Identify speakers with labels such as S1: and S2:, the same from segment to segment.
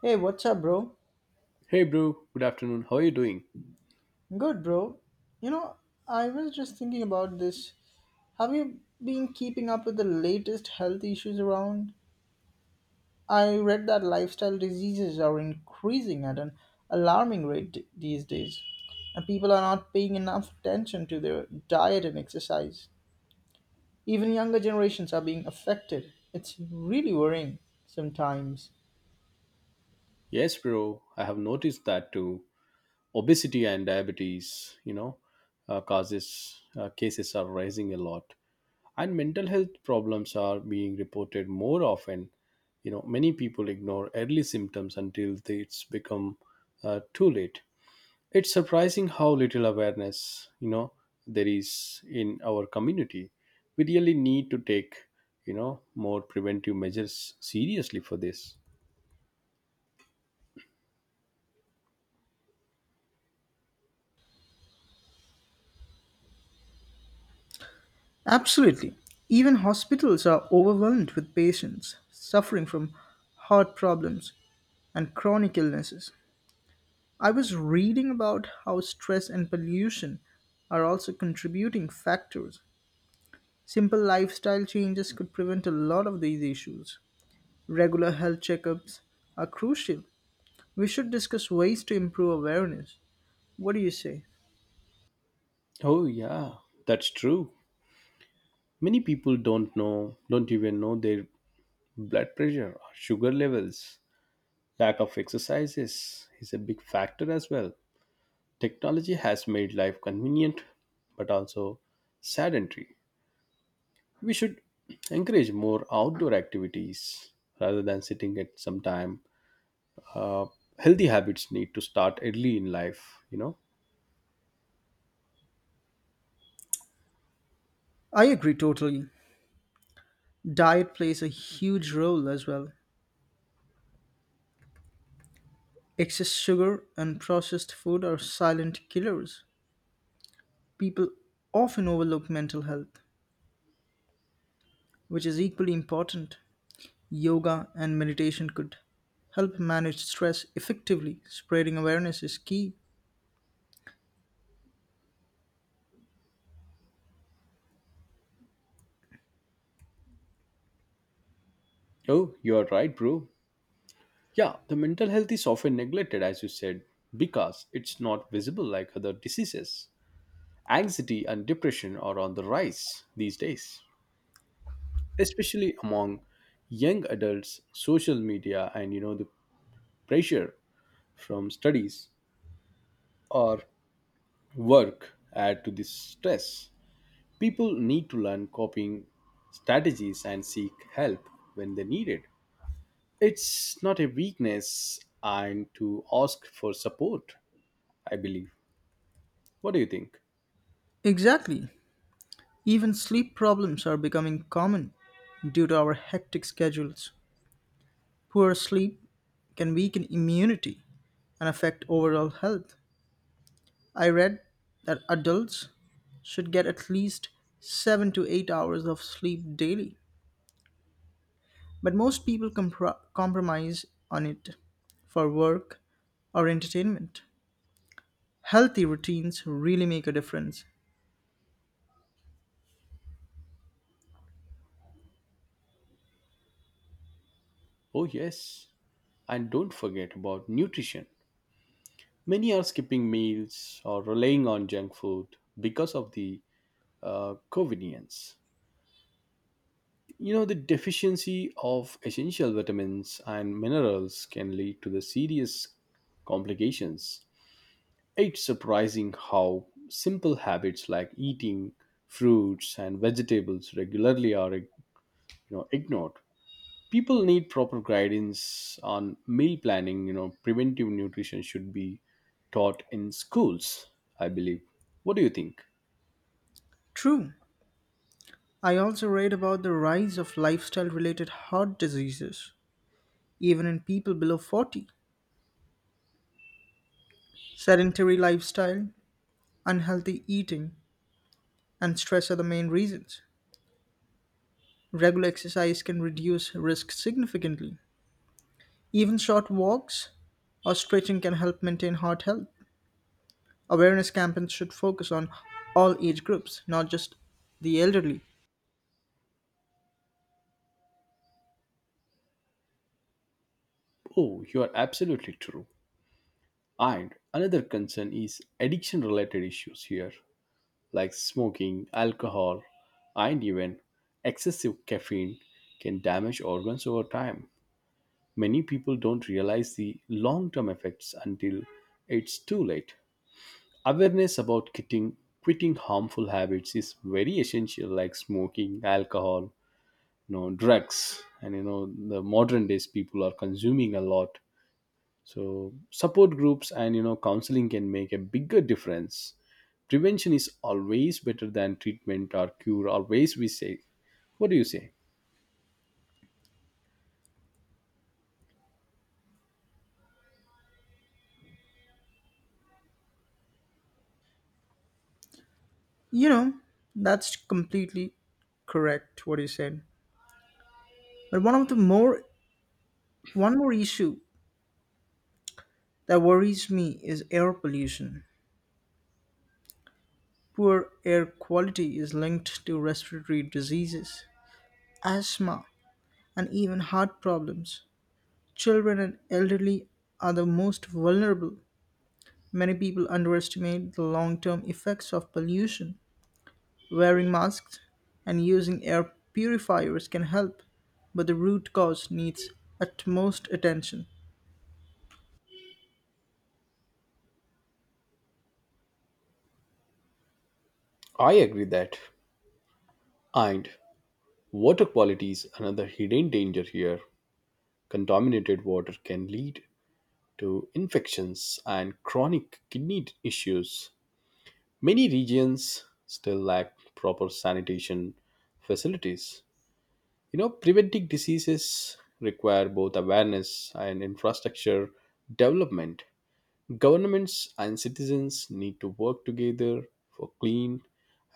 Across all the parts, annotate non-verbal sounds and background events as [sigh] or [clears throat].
S1: Hey, what's up, bro?
S2: Hey bro, good afternoon. How are you doing?
S1: Good, bro. You know, I was just thinking about this. Have you been keeping up with the latest health issues around? I read that lifestyle diseases are increasing at an alarming rate these days, and people are not paying enough attention to their diet and exercise. Even younger generations are being affected. It's really worrying sometimes.
S2: Yes, bro, I have noticed that too. Obesity and diabetes, you know, causes cases are rising a lot, and mental health problems are being reported more often. Many people ignore early symptoms until it's become too late. It's surprising how little awareness, you know, there is in our community. We really need to take, you know, more preventive measures seriously for this.
S1: Absolutely. Even hospitals are overwhelmed with patients suffering from heart problems, and chronic illnesses. I was reading about how stress and pollution are also contributing factors. Simple lifestyle changes could prevent a lot of these issues. Regular health checkups are crucial. We should discuss ways to improve awareness. What do you say?
S2: Oh, yeah, that's true. Many people don't know, Don't even know their blood pressure or sugar levels. Lack of exercises is a big factor as well. Technology has made life convenient but also sedentary. We should encourage more outdoor activities rather than sitting at some time. Uh, Healthy habits need to start early in life.
S1: I agree totally. Diet plays a huge role as well. Excess sugar and processed food are silent killers. People often overlook mental health, which is equally important. Yoga and meditation could help manage stress effectively. Spreading awareness is key.
S2: Oh, you are right, bro. Yeah, the mental health is often neglected, as you said, because it's not visible like other diseases. Anxiety and depression are on the rise these days, especially among young adults. Social media and the pressure from studies or work add to this stress. People need to learn coping strategies and seek help when they need it. It's not a weakness and to ask for support, I believe. What do you think?
S1: Exactly. Even sleep problems are becoming common due to our hectic schedules. Poor sleep can weaken immunity and affect overall health. I read that adults should get at least 7 to 8 hours of sleep daily, but most people compromise on it for work or entertainment. Healthy routines really make a difference.
S2: Oh, yes. And don't forget about nutrition. Many are skipping meals or relying on junk food because of the convenience. The deficiency of essential vitamins and minerals can lead to the serious complications. It's surprising how simple habits like eating fruits and vegetables regularly are ignored. People need proper guidance on meal planning. Preventive nutrition should be taught in schools, I believe. What do you think?
S1: True, I also read about the rise of lifestyle related heart diseases, even in people below 40. Sedentary lifestyle, unhealthy eating, and stress are the main reasons. Regular exercise can reduce risk significantly. Even short walks or stretching can help maintain heart health. Awareness campaigns should focus on all age groups, not just the elderly.
S2: Oh, you are absolutely true. And another concern is addiction related issues here, like smoking, alcohol, and even excessive caffeine can damage organs over time. Many people don't realize the long term effects until it's too late. Awareness about quitting harmful habits is very essential, like smoking, alcohol, drugs, and the modern days people are consuming a lot. So support groups and counseling can make a bigger difference. Prevention is always better than treatment or cure. Always we say. What do you say?
S1: You know, that's completely correct what you said. But one more issue that worries me is air pollution. Poor air quality is linked to respiratory diseases, asthma, and even heart problems. Children and elderly are the most vulnerable. Many people underestimate the long-term effects of pollution. Wearing masks and using air purifiers can help, but the root cause needs utmost attention.
S2: I agree that. And water quality is another hidden danger here. Contaminated water can lead to infections and chronic kidney issues. Many regions still lack proper sanitation facilities. Preventing diseases require both awareness and infrastructure development. Governments and citizens need to work together for clean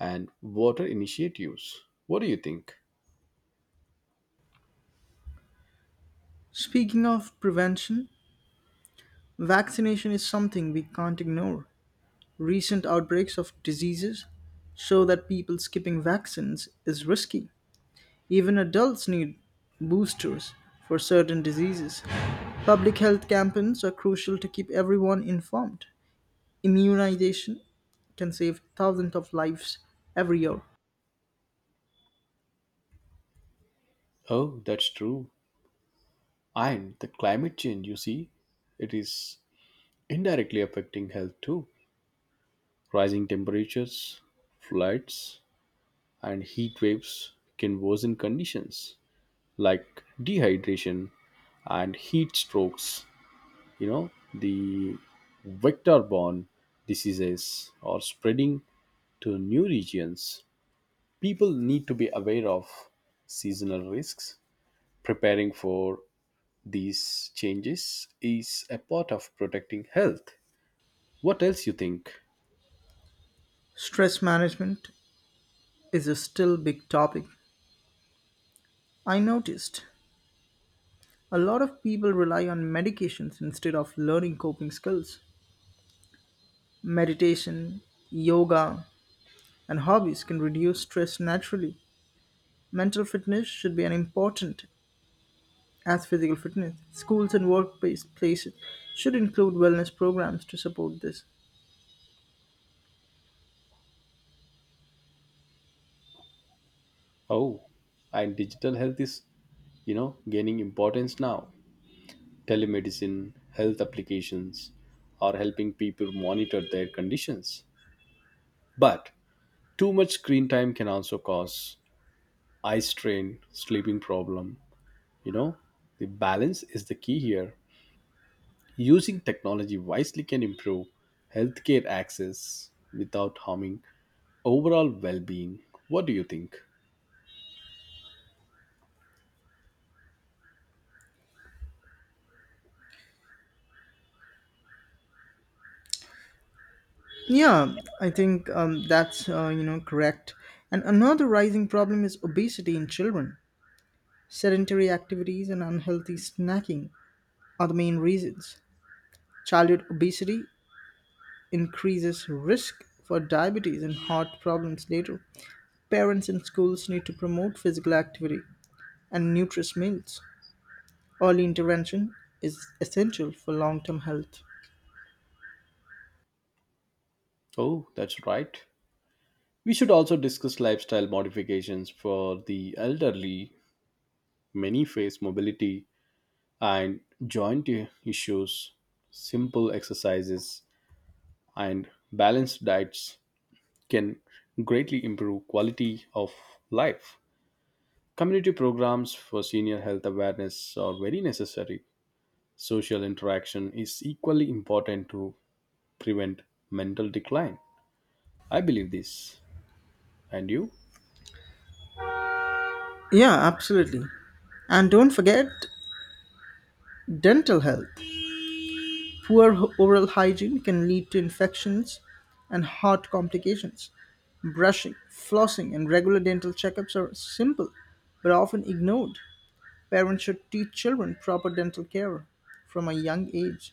S2: and water initiatives. What do you think?
S1: Speaking of prevention, vaccination is something we can't ignore. Recent outbreaks of diseases show that people skipping vaccines is risky. Even adults need boosters for certain diseases. Public health campaigns are crucial to keep everyone informed. Immunization can save thousands of lives every year.
S2: Oh, that's true. And the climate change, you see, it is indirectly affecting health too. Rising temperatures, floods, and heat waves can worsen conditions like dehydration and heat strokes, the vector borne diseases are spreading to new regions. People need to be aware of seasonal risks. Preparing for these changes is a part of protecting health. What else you think?
S1: Stress management is a still big topic. I noticed a lot of people rely on medications instead of learning coping skills. Meditation, yoga, and hobbies can reduce stress naturally. Mental fitness should be as important as physical fitness. Schools and workplace places should include wellness programs to support this.
S2: Oh, and digital health is gaining importance now. Telemedicine, health applications are helping people monitor their conditions, but too much screen time can also cause eye strain, sleeping problem you know the balance is the key here. Using technology wisely can improve healthcare access without harming overall well-being. What do you think?
S1: Yeah, I think that's correct. And another rising problem is obesity in children. Sedentary activities and unhealthy snacking are the main reasons. Childhood obesity increases risk for diabetes and heart problems later. Parents and schools need to promote physical activity and nutritious meals. Early intervention is essential for long term health.
S2: Oh, that's right. We should also discuss lifestyle modifications for the elderly. Many face mobility and joint issues. Simple exercises and balanced diets can greatly improve quality of life. Community programs for senior health awareness are very necessary. Social interaction is equally important to prevent mental decline. I believe this. And you?
S1: Yeah, absolutely. And don't forget dental health. Poor oral hygiene can lead to infections and heart complications. Brushing, flossing, and regular dental checkups are simple but often ignored. Parents should teach children proper dental care from a young age.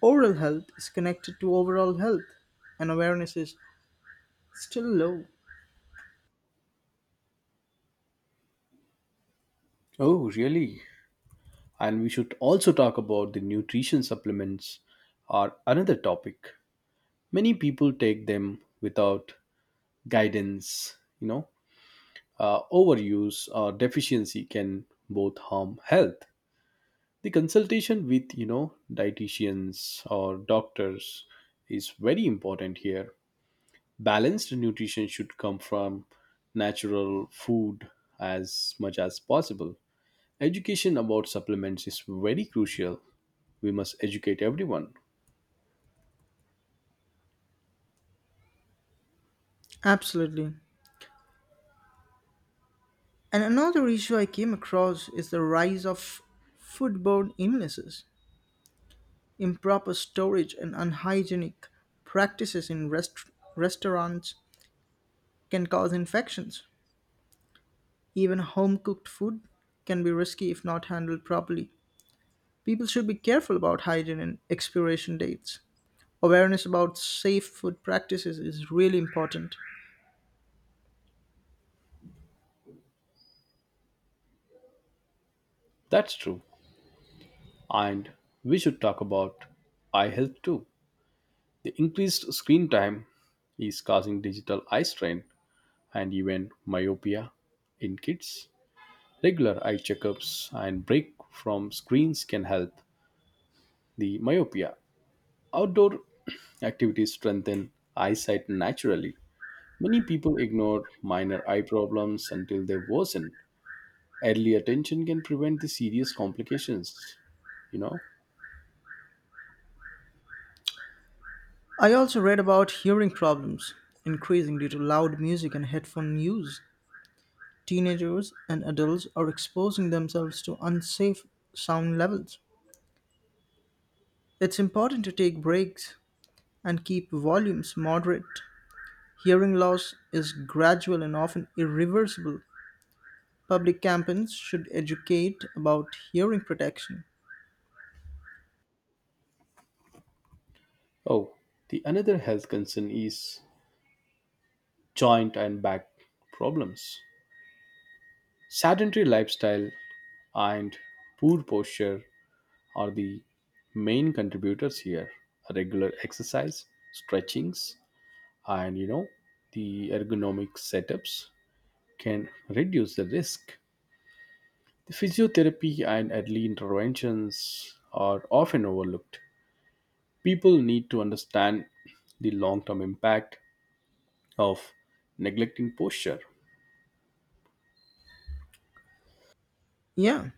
S1: Oral health is connected to overall health, and awareness is still low.
S2: Oh, really? And we should also talk about the nutrition supplements are another topic. Many people take them without guidance. Overuse or deficiency can both harm health. The consultation with, dietitians or doctors is very important here. Balanced nutrition should come from natural food as much as possible. Education about supplements is very crucial. We must educate everyone.
S1: Absolutely. And another issue I came across is the rise of foodborne illnesses. Improper storage and unhygienic practices in restaurants can cause infections. Even home cooked food can be risky if not handled properly. People should be careful about hygiene and expiration dates. Awareness about safe food practices is really important.
S2: That's true. And we should talk about eye health too. The increased screen time is causing digital eye strain and even myopia in kids. Regular eye checkups and break from screens can help the myopia. Outdoor [clears throat] activities strengthen eyesight naturally. Many people ignore minor eye problems until they worsen. Early attention can prevent the serious complications, you know.
S1: I also read about hearing problems increasing due to loud music and headphone use. Teenagers and adults are exposing themselves to unsafe sound levels. It's important to take breaks and keep volumes moderate. Hearing loss is gradual and often irreversible. Public campaigns should educate about hearing protection.
S2: Oh, the another health concern is joint and back problems. Sedentary lifestyle and poor posture are the main contributors here. Regular exercise, stretchings, and the ergonomic setups can reduce the risk. The physiotherapy and early interventions are often overlooked. People need to understand the long term impact of neglecting posture.
S1: Yeah,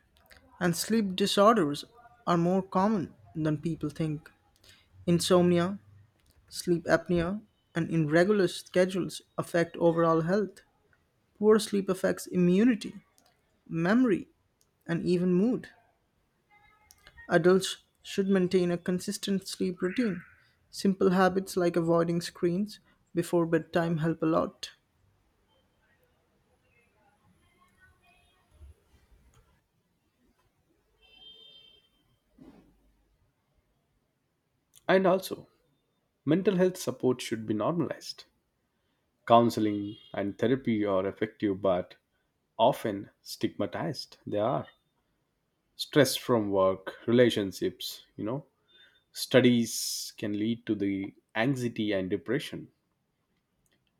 S1: and sleep disorders are more common than people think. Insomnia, sleep apnea, and irregular schedules affect overall health. Poor sleep affects immunity, memory, and even mood. Adults should maintain a consistent sleep routine. Simple habits like avoiding screens before bedtime help a lot.
S2: And also, mental health support should be normalized. Counseling and therapy are effective, but often stigmatized. They are stress from work, relationships, studies can lead to the anxiety and depression.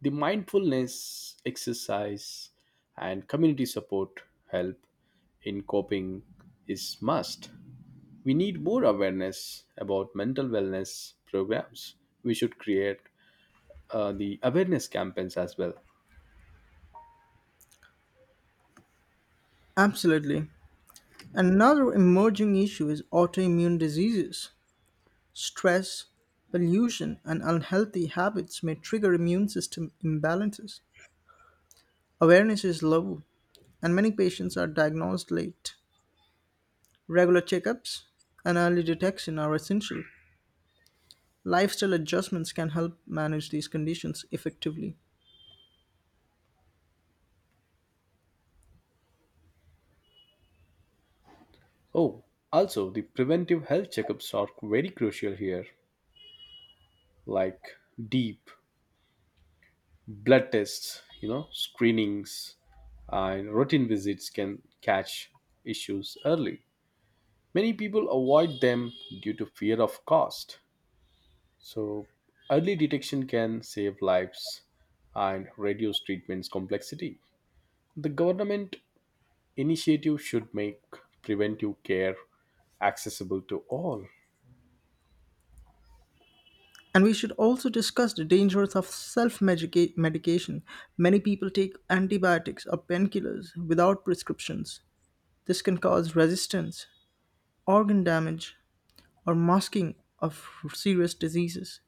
S2: The mindfulness, exercise, and community support help in coping is must. We need more awareness about mental wellness programs. We should create the awareness campaigns as well.
S1: Absolutely. Another emerging issue is autoimmune diseases. Stress, pollution, and unhealthy habits may trigger immune system imbalances. Awareness is low, and many patients are diagnosed late. Regular checkups and early detection are essential. Lifestyle adjustments can help manage these conditions effectively.
S2: Oh, also, the preventive health checkups are very crucial here, like deep blood tests, screenings, and routine visits can catch issues early. Many people avoid them due to fear of cost. So, early detection can save lives and reduce treatment's complexity. The government initiative should make preventive care accessible to all.
S1: And we should also discuss the dangers of self medication. Many people take antibiotics or painkillers without prescriptions. This can cause resistance, organ damage, or masking of serious diseases.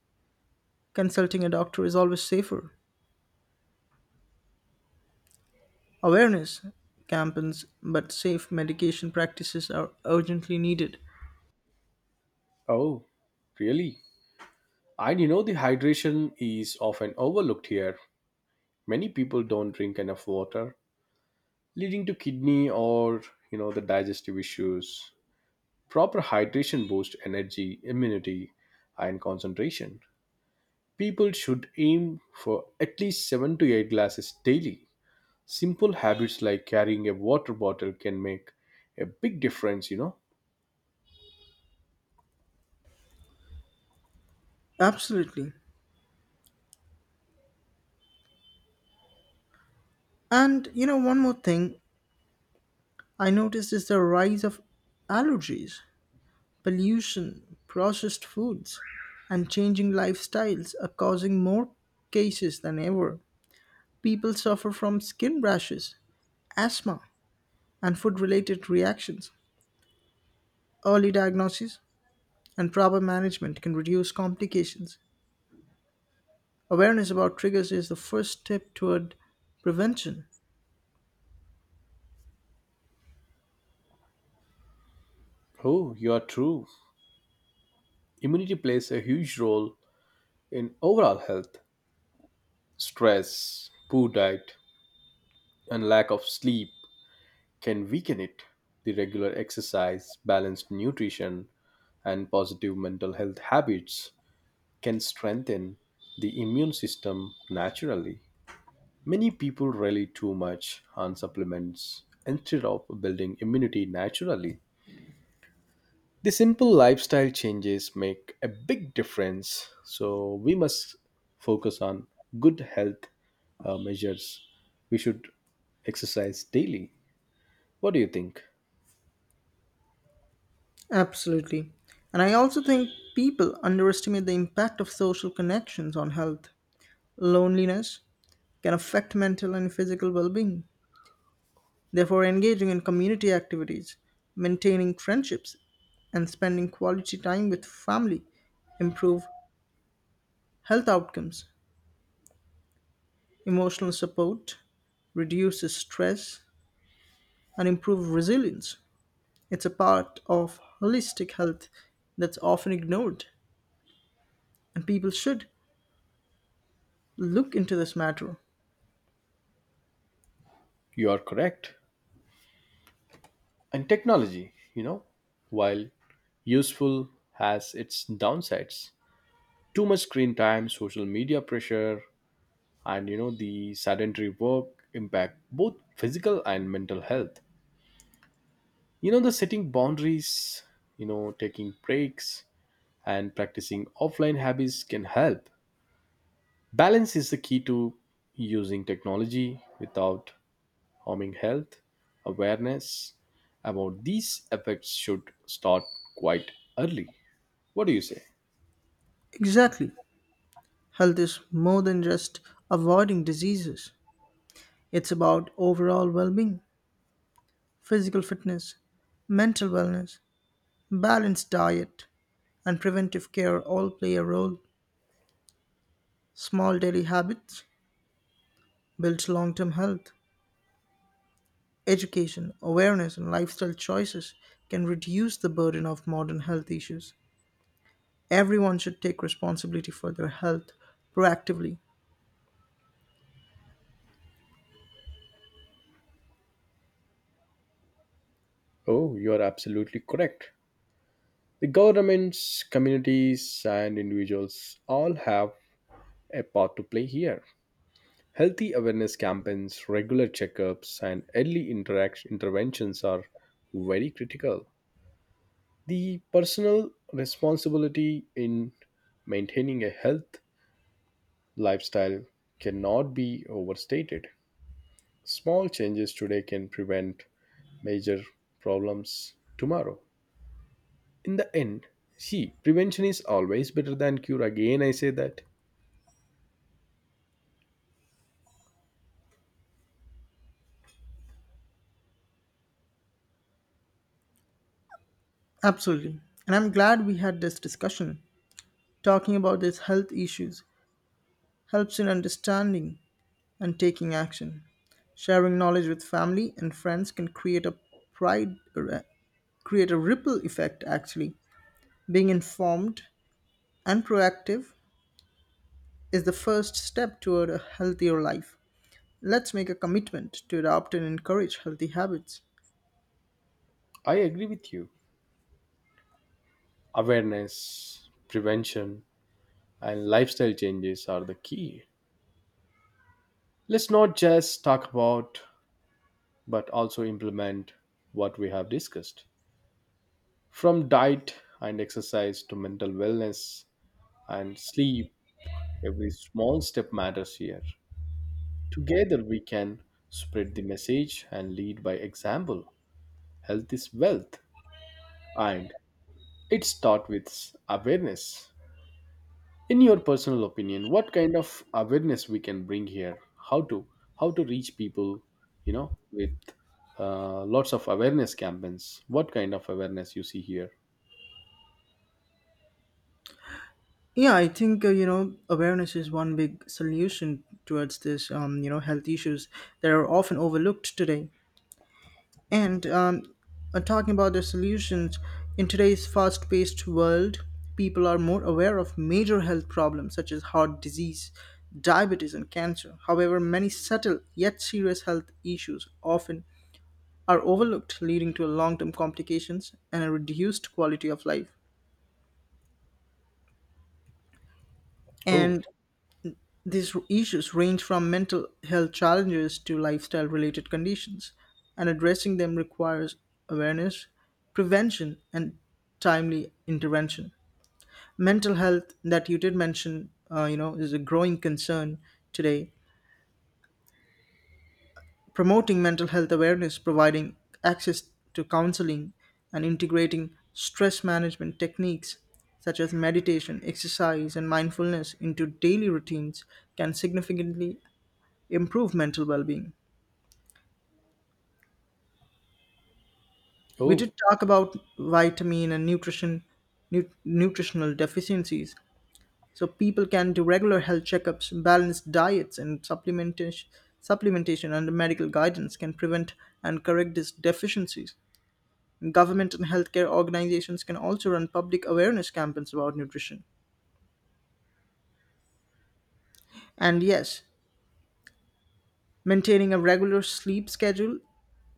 S1: Consulting a doctor is always safer. Awareness campaigns, but safe medication practices are urgently needed.
S2: Oh, really? And the hydration is often overlooked here. Many people don't drink enough water, leading to kidney or, the digestive issues. Proper hydration boosts energy, immunity, and concentration. People should aim for at least 7 to 8 glasses daily. Simple habits like carrying a water bottle can make a big difference.
S1: Absolutely. And you know, one more thing I noticed is the rise of allergies. Pollution, processed foods, and changing lifestyles are causing more cases than ever. People suffer from skin rashes, asthma, and food related reactions. Early diagnosis and proper management can reduce complications. Awareness about triggers is the first step toward prevention.
S2: Oh, you are true. Immunity plays a huge role in overall health. Stress, poor diet, and lack of sleep can weaken it. The regular exercise, balanced nutrition, and positive mental health habits can strengthen the immune system naturally. Many people rely too much on supplements instead of building immunity naturally. The simple lifestyle changes make a big difference, so we must focus on good health measures. We should exercise daily. What do you think?
S1: Absolutely. And I also think people underestimate the impact of social connections on health. Loneliness can affect mental and physical well being. Therefore, engaging in community activities, maintaining friendships, and spending quality time with family improve health outcomes. Emotional support reduces stress and improve resilience. It's a part of holistic health that's often ignored, and people should look into this matter.
S2: You are correct. And technology, while useful, has its downsides. Too much screen time, social media pressure, and the sedentary work impact both physical and mental health. The setting boundaries, taking breaks, and practicing offline habits can help. Balance is the key to using technology without harming health. Awareness about these effects should start quite early. What do you say?
S1: Exactly. Health is more than just avoiding diseases. It's about overall well being, physical fitness, mental wellness, balanced diet and preventive care all play a role. Small daily habits build long term health. Education, awareness, and lifestyle choices can reduce the burden of modern health issues. Everyone should take responsibility for their health proactively.
S2: Oh, you are absolutely correct. The governments, communities, and individuals all have a part to play here. Healthy awareness campaigns, regular checkups, and early interventions are very critical. The personal responsibility in maintaining a health lifestyle cannot be overstated. Small changes today can prevent major problems tomorrow. In the end, see, prevention is always better than cure. Again, I say that.
S1: Absolutely. And I'm glad we had this discussion. Talking about these health issues helps in understanding and taking action. Sharing knowledge with family and friends can pride, uh, create a ripple effect actually. Being informed and proactive is the first step toward a healthier life. Let's make a commitment to adopt and encourage healthy habits.
S2: I agree with you. Awareness, prevention, and lifestyle changes are the key. Let's not just talk about, but also implement what we have discussed. From diet and exercise to mental wellness and sleep, every small step matters here. Together we can spread the message and lead by example. Health is wealth and it starts with awareness. In your personal opinion, what kind of awareness we can bring here? How to how to reach people, with lots of awareness campaigns. What kind of awareness you see here?
S1: Yeah, I think awareness is one big solution towards this health issues that are often overlooked today. And talking about the solutions, in today's fast paced world, people are more aware of major health problems such as heart disease, diabetes, and cancer. However, many subtle yet serious health issues often are overlooked, leading to long term complications and a reduced quality of life.
S2: Oh,
S1: And these issues range from mental health challenges to lifestyle related conditions, and addressing them requires awareness, prevention, and timely intervention. Mental health that you did mention, is a growing concern today. Promoting mental health awareness, providing access to counseling, and integrating stress management techniques such as meditation, exercise, and mindfulness into daily routines can significantly improve mental well-being. We
S2: oh,
S1: did talk about vitamin and nutritional deficiencies, so people can do regular health checkups, balanced diets, and supplementation under medical guidance can prevent and correct these deficiencies. Government and healthcare organizations can also run public awareness campaigns about nutrition. And yes, maintaining a regular sleep schedule,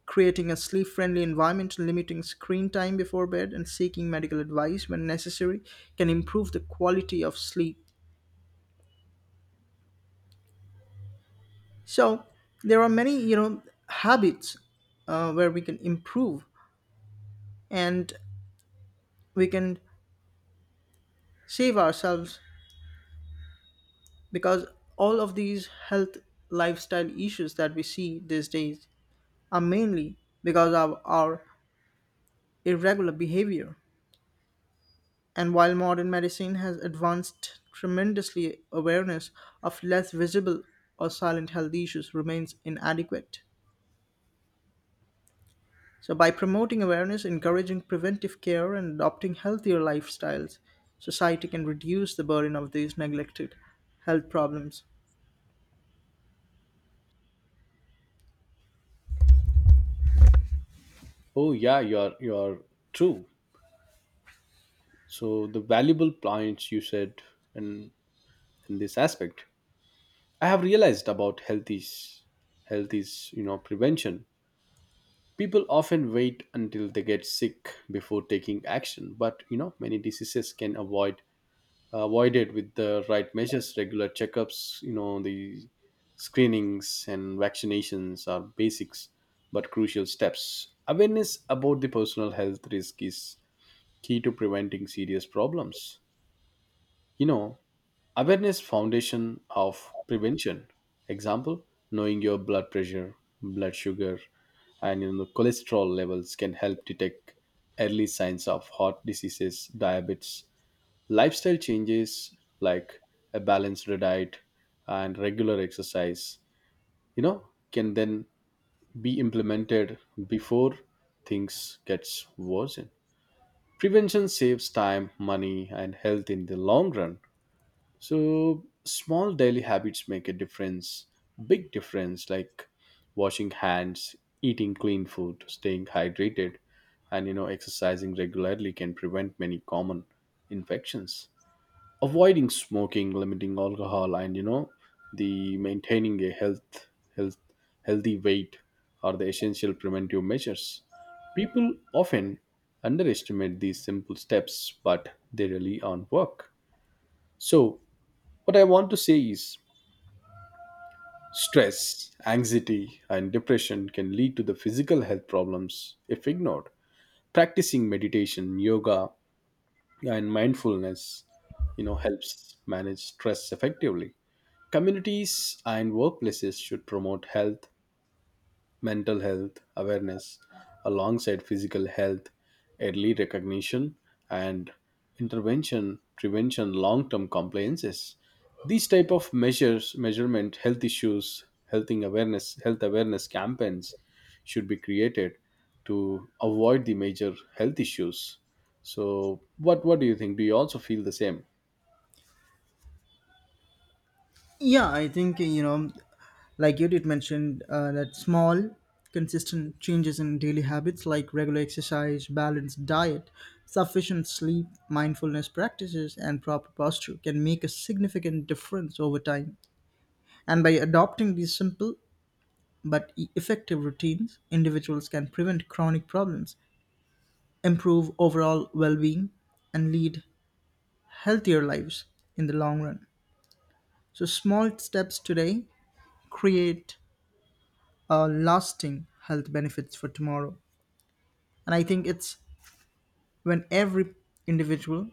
S1: creating a sleep friendly environment, limiting screen time before bed, and seeking medical advice when necessary can improve the quality of sleep. So, there are many, habits where we can improve and we can save ourselves because all of these health lifestyle issues that we see these days are mainly because of our irregular behavior. And while modern medicine has advanced tremendously, awareness of less visible or silent health issues remains inadequate. So, by promoting awareness, encouraging preventive care, and adopting healthier lifestyles, society can reduce the burden of these neglected health problems.
S2: oh, yeah, you're true. So the valuable points you said in in this aspect. I have realized about health is prevention. People often wait until they get sick before taking action, but many diseases can avoided with the right measures, regular checkups, the screenings and vaccinations are basics but crucial steps. Awareness about the personal health risk is key to preventing serious problems. You know, awareness foundation of prevention example knowing your blood pressure, blood sugar, and cholesterol levels can help detect early signs of heart diseases, diabetes. Lifestyle changes like a balanced diet and regular exercise, you know can then be implemented before things gets worse. Prevention saves time, money, and health in the long run. So small daily habits make a difference, big difference, like washing hands, eating clean food, staying hydrated, and exercising regularly can prevent many common infections. Avoiding smoking, limiting alcohol, and the maintaining a health healthy weight are the essential preventive measures. People often underestimate these simple steps but they really on work. So what I want to say is stress, anxiety, and depression can lead to the physical health problems if ignored. Practicing meditation, yoga, and mindfulness, helps manage stress effectively. Communities and workplaces should promote health mental health awareness alongside physical health, early recognition, and intervention prevention long-term compliances. These type of measures, measurement, health issues, health awareness campaigns should be created to avoid the major health issues. So, what do you think? Do you also feel the same?
S1: Yeah, I think like you did mention that small, consistent changes in daily habits like regular exercise, balanced diet, sufficient sleep, mindfulness practices, and proper posture can make a significant difference over time. And by adopting these simple but effective routines, individuals can prevent chronic problems, improve overall well-being, and lead healthier lives in the long run. So small steps today create lasting health benefits for tomorrow. And I think it's when every individual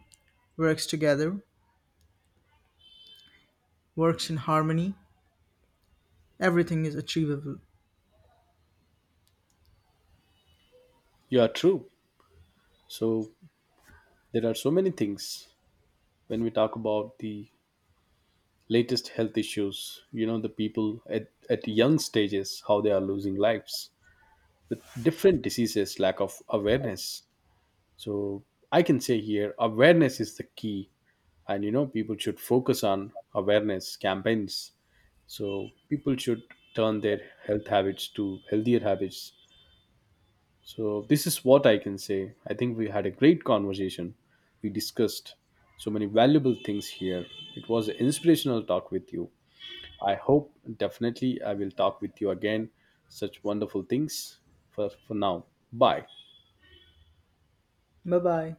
S1: works together, works in harmony, everything is achievable.
S2: You are true. So there are so many things when we talk about the latest health issues, the people at young stages how they are losing lives with different diseases, lack of awareness. So I can say here awareness is the key, and people should focus on awareness campaigns. So people should turn their health habits to healthier habits. So this is what I can say. I think we had a great conversation. We discussed so many valuable things here. It was an inspirational talk with you. I hope definitely I will talk with you again. Such wonderful things. For now, bye.
S1: Bye bye.